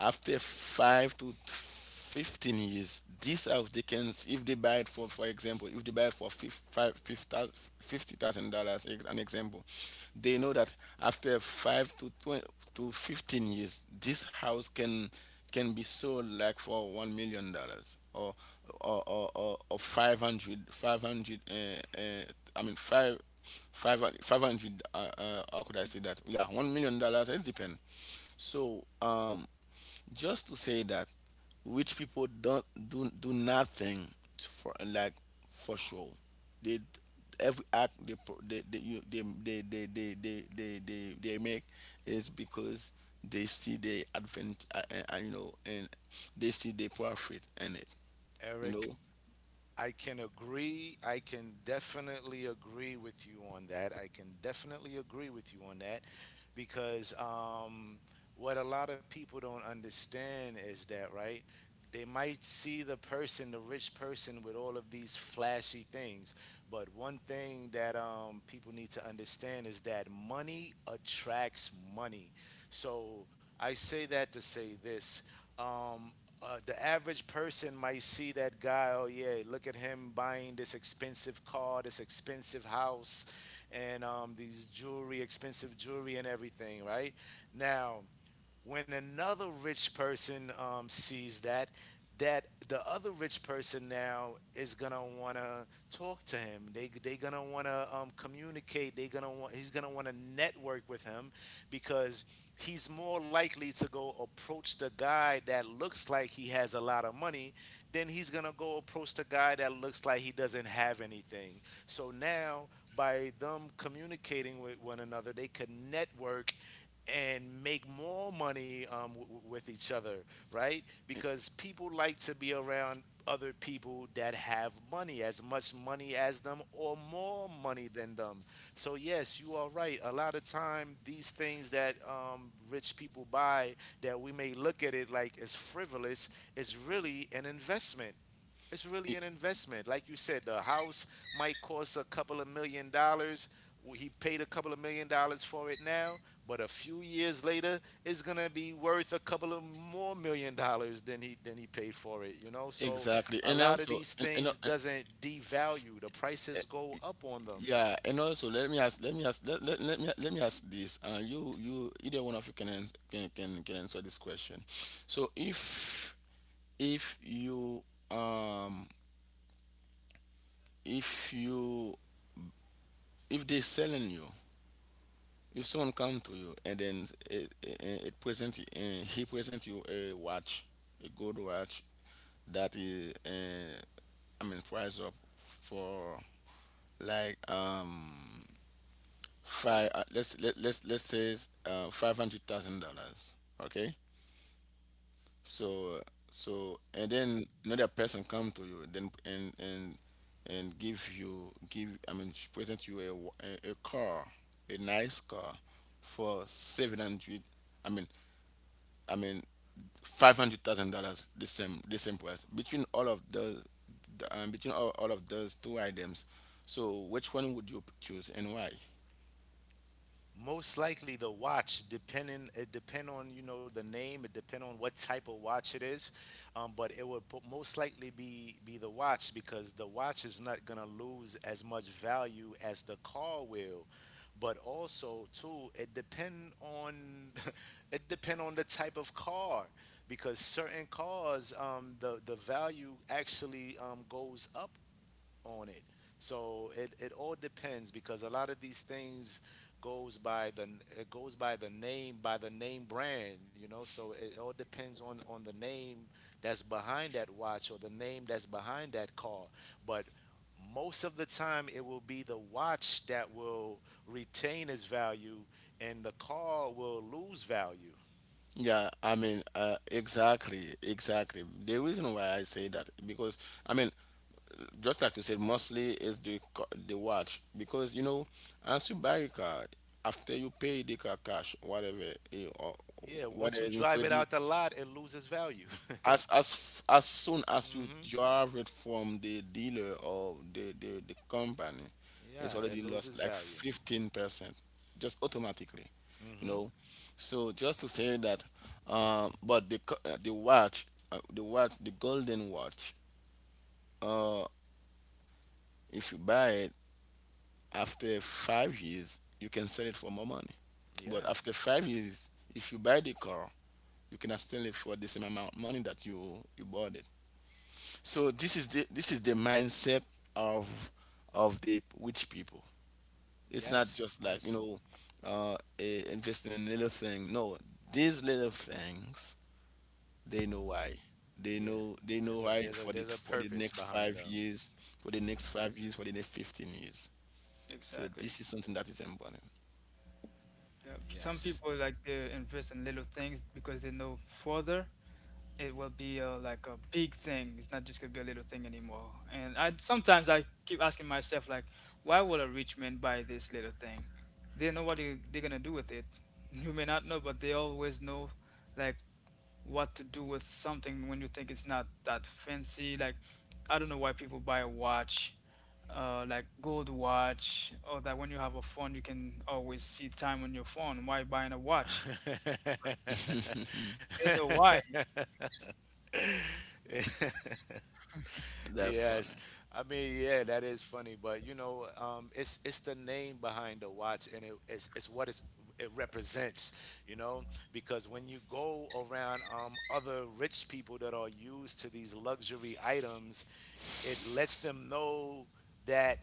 Speaker 3: after five to 15 years, this house they can, if they buy it for example, if they buy it for $50,000, an example, they know that after five to 20, to 15 years, this house can be sold like for $1 million, or 500, uh, uh, five hundred, how could I say that? Yeah, $1 million, it depends. so um just to say that rich people don't do nothing for like for show. They, every act they pro- they you, they make is because they see the advent you know and they see the profit in it, you
Speaker 1: Eric,
Speaker 3: know.
Speaker 1: I can agree. I can definitely agree with you on that. I can definitely agree with you on that, because what a lot of people don't understand is that, right? They might see the person, the rich person, with all of these flashy things. But one thing that people need to understand is that money attracts money. So I say that to say this. Um, the average person might see that guy, oh yeah, look at him buying this expensive car, this expensive house, and these jewelry, expensive jewelry, and everything, right? Now, when another rich person sees that, that the other rich person now is gonna wanna talk to him, they gonna wanna communicate, they gonna want he's gonna wanna network with him, because he's more likely to go approach the guy that looks like he has a lot of money than he's gonna go approach the guy that looks like he doesn't have anything. So now, by them communicating with one another, they could network and make more money, with each other, right?
Speaker 3: E-
Speaker 1: Because people like to be around other people that have money, as much money as them or more money than them. So, yes, you are right. A lot of time, these things that rich people buy that we may look at it like as frivolous is really an investment, it's really
Speaker 3: e-
Speaker 1: an investment. Like you said, the house might cost a couple of million dollars. Well, he paid a couple of million dollars for it now, but a few years later, it's gonna be worth a couple of more million dollars than he paid for it. You know, so
Speaker 3: exactly.
Speaker 1: a
Speaker 3: And
Speaker 1: lot of
Speaker 3: also,
Speaker 1: these things doesn't devalue. The prices go up on them.
Speaker 3: yeah, and also let me ask, let me ask, let me ask this. You, either one of you can can answer this question. So if you, um if you if they're selling you, if someone come to you and then it present, he present you a watch, a gold watch that is I mean price up for like five, let's let's say $500,000. Okay. So, and then another person come to you then and and give you, give I mean she present you a a car, a nice car, for 700, i mean i mean $500,000, the same, the same price between all of those, between all of those two items. So which one would you choose and why?
Speaker 1: Most likely the watch, depending it depend on, you know, the name, it depend on what type of watch it is, but it would most likely be the watch, because the watch is not gonna lose as much value as the car will. But also too, it depend on it depend on the type of car, because certain cars, the value actually goes up on it. So it all depends, because a lot of these things goes by the, it goes by the name brand, you know. So it all depends on the name that's behind that watch or the name that's behind that car. But most of the time it will be the watch that will retain its value, and the car will lose value.
Speaker 3: Yeah, I mean, exactly, exactly. The reason why I say that, because I mean, just like you said, mostly is the watch because, you know, as you buy a car, after you pay the car cash, whatever, or
Speaker 1: Yeah,
Speaker 3: whether
Speaker 1: once you
Speaker 3: it's in
Speaker 1: drive it
Speaker 3: credit,
Speaker 1: out the lot, it loses value.
Speaker 3: as soon as you
Speaker 1: Mhm.
Speaker 3: have it from the dealer or the company, it's
Speaker 1: Yeah, it
Speaker 3: already lost
Speaker 1: loses
Speaker 3: like
Speaker 1: value.
Speaker 3: 15% just automatically, you
Speaker 1: Mhm.
Speaker 3: know. So just to say that, but the co- the watch the watch, the golden watch, uh, if you buy it, after 5 years you can sell it for more money. But
Speaker 1: Yeah.
Speaker 3: after 5 years, if you buy the car, you cannot sell it for the same amount of money that you bought it. So this is the mindset of the rich people. It's not
Speaker 1: Yes.
Speaker 3: just like, you
Speaker 1: Yes.
Speaker 3: know, investing in little thing. No, these little things, they know why. They
Speaker 1: Yeah.
Speaker 3: know
Speaker 1: There's a
Speaker 3: why,
Speaker 1: there's a
Speaker 3: for the
Speaker 1: there's a purpose
Speaker 3: next
Speaker 1: behind
Speaker 3: five
Speaker 1: them.
Speaker 3: years, for the next 5 years, for the next 15 years. So this is something that is important.
Speaker 1: Yes.
Speaker 3: That's
Speaker 1: Yes.
Speaker 3: funny.
Speaker 1: I mean, yeah, that is funny, but you know, it's the name behind the watch, and it, it's what it's, it represents, you know, because when you go around other rich people that are used to these luxury items, it lets them know that,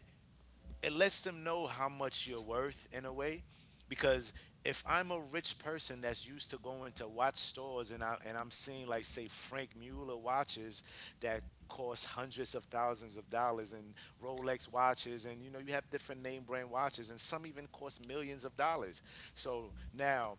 Speaker 1: it lets them know how much you're worth in a way, because if I'm a rich person that's used to going to watch stores, and, I'm seeing, like, say, Frank Mueller watches that cost hundreds of thousands of dollars, and Rolex watches, and you know you have different name brand watches, and some even cost millions of dollars. So now,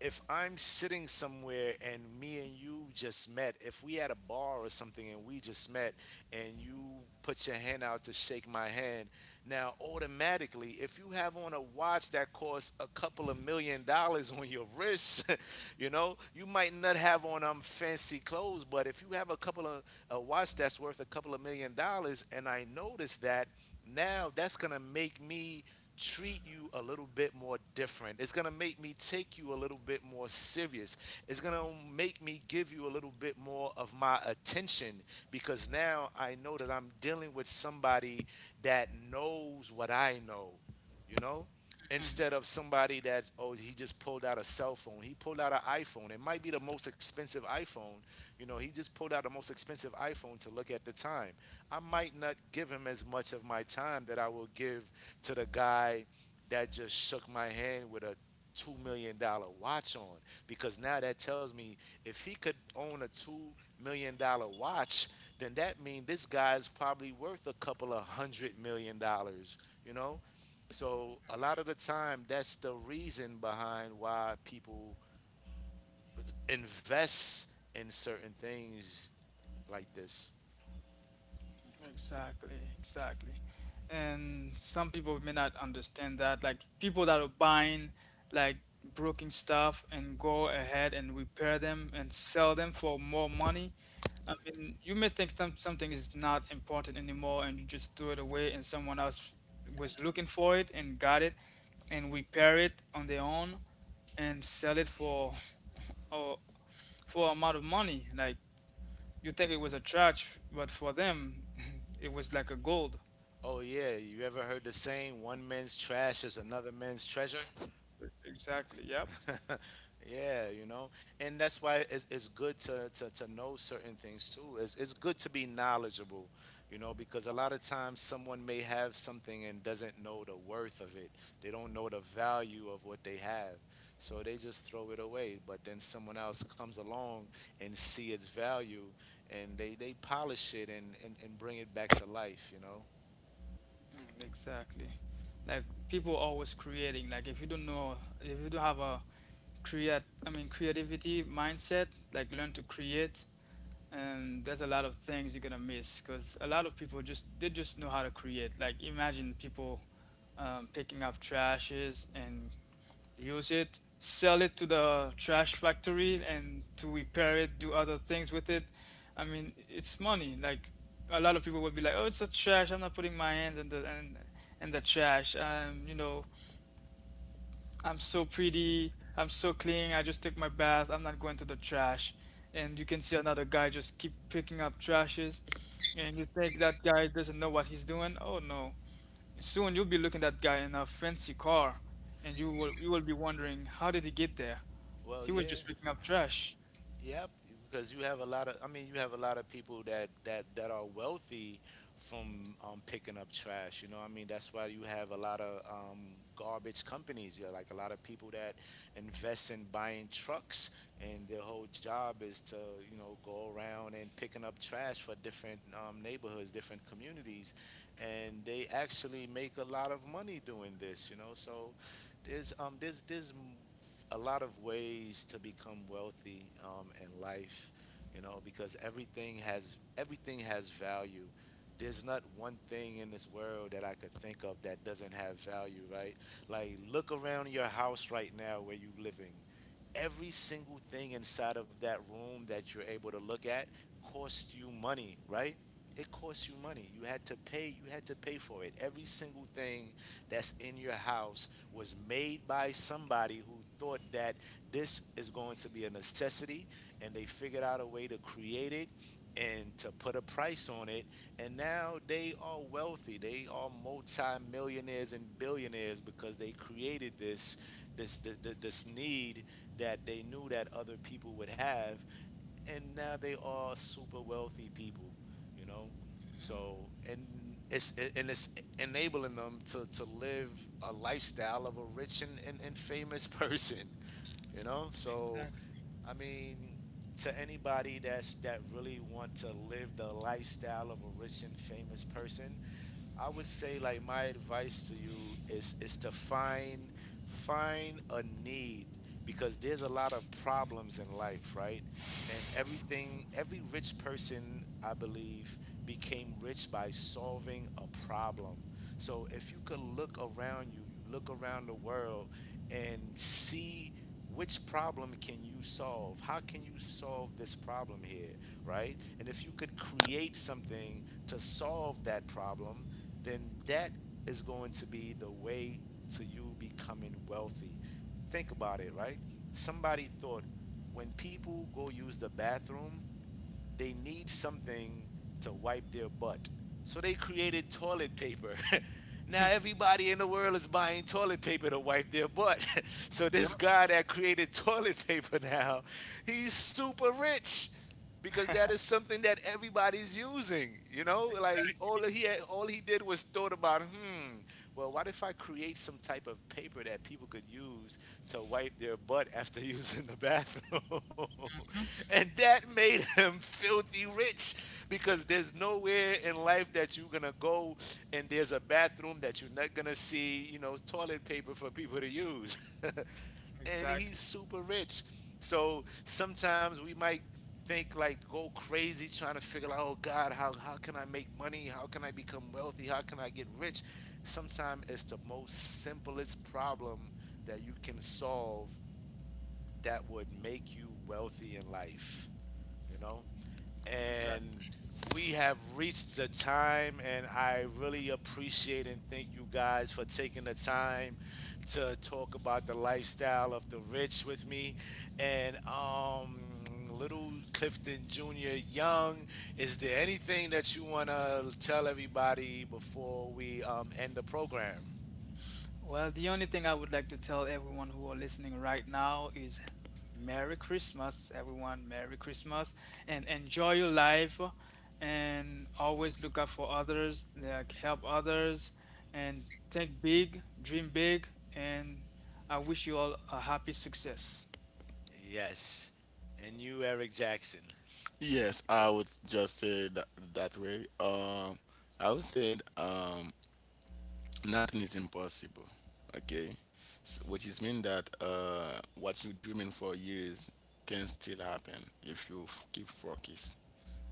Speaker 1: if I'm sitting somewhere and me and you just met, if we at a bar or something and we just met, and you put your hand out to shake my hand, now automatically, if you have on a watch that costs a couple of million dollars on your wrist, you know, you might not have on fancy clothes, but if you have a couple of a watch that's worth a couple of million dollars, and I notice that, now that's gonna make me treat you a little bit more different. It's going to make me take you a little bit more serious. It's going to make me give you a little bit more of my attention, because now I know that I'm dealing with somebody that knows what I know, you know? Instead of somebody that, oh, he just pulled out a cell phone. He pulled out an iPhone. It might be the most expensive iPhone. You know, he just pulled out the most expensive iPhone to look at the time. I might not give him as much of my time that I will give to the guy that just shook my hand with a $2 million watch on. Because now that tells me if he could own a $2 million watch, then that means this guy's probably worth a couple of $100 million, you know? So a lot of the time that's the reason behind why people invest in certain things like this. Oh yeah, you ever heard the saying one man's trash is another man's treasure? Yeah. And that's why it's good to know certain things too. It's good to be knowledgeable, because a lot of times someone may have something and doesn't know the worth of it. They don't know the value of what they have. So they just throw it away, but then someone else comes along and see its value and they polish it and bring it back to life. Well, yeah. Yep, because you have a lot of. I mean, you have a lot of people that are wealthy from picking up trash. I mean, that's why you have a lot of garbage companies. Yeah, like a lot of people that invest in buying trucks, and their whole job is to go around and picking up trash for different neighborhoods, different communities, and they actually make a lot of money doing this. So there's a lot of ways to become wealthy in life, because everything has value. There's not one thing in this world that I could think of that doesn't have value, right? Like look around your house right now where you are living. Every single thing inside of that room that you're able to look at cost you money, right? It costs you money. You had to pay for it. Every single thing that's in your house was made by somebody who thought that this is going to be a necessity, and they figured out a way to create it and to put a price on it, and now they are wealthy. They are multi-millionaires and billionaires because they created this need that they knew that other people would have, and now they are super wealthy people, you know. So and it's enabling them to live a lifestyle of a rich and famous person, you know. So I mean, to anybody that really want to live the lifestyle of a rich and famous person, I would say like my advice to you is to find a need, because there's a lot of problems in life, right? And every rich person, I believe, became rich by solving a problem. So if you could look around you, you look around the world and see, which problem can you solve? How can you solve this problem here, right? And if you could create something to solve that problem, then that is going to be the way to you becoming wealthy. Think about it, right? Somebody thought, when people go use the bathroom, they need something to wipe their butt. So they created toilet paper. Now everybody in the world is buying toilet paper to wipe their butt. So this guy that created toilet paper now, he's super rich because that is something that everybody's using. You know, like all he did was thought about, well, what if I create some type of paper that people could use to wipe their butt after using the bathroom, and that made him filthy rich, because there's nowhere in life that you're gonna go and there's a bathroom that you're not gonna see, toilet paper for people to use. And he's super rich. So sometimes we might think like go crazy trying to figure out, oh God, how can I make money? How can I become wealthy? How can I get rich? Sometimes it's the most simplest problem that you can solve that would make you wealthy in life, you know and we have reached the time, and I really appreciate and thank you guys for taking the time to talk about the lifestyle of the rich with me. And little Clifton Junior Young, is there anything that you want to tell everybody before we end the program? Yes. And you, Eric Jackson?
Speaker 3: Yes, I would just say that, that way. I would say, nothing is impossible. Okay. S Which is mean that what you dreaming for years can still happen if you keep focus,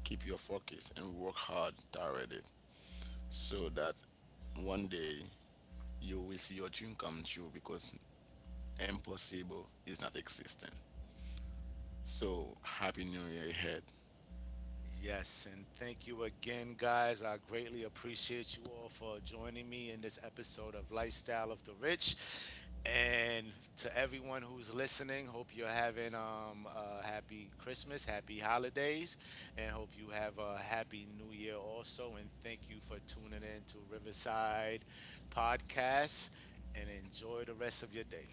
Speaker 3: keep your focus and work hard toward it, so that one day you will see your dream come true, because impossible is not existing. So happy new year ahead.
Speaker 1: Yes, and thank you again, guys. I greatly appreciate you all for joining me in this episode of Lifestyle of the Rich. And to everyone who's listening, hope you're having a happy Christmas, happy holidays, and hope you have a happy new year also. And thank you for tuning in to Riverside Podcast and enjoy the rest of your day.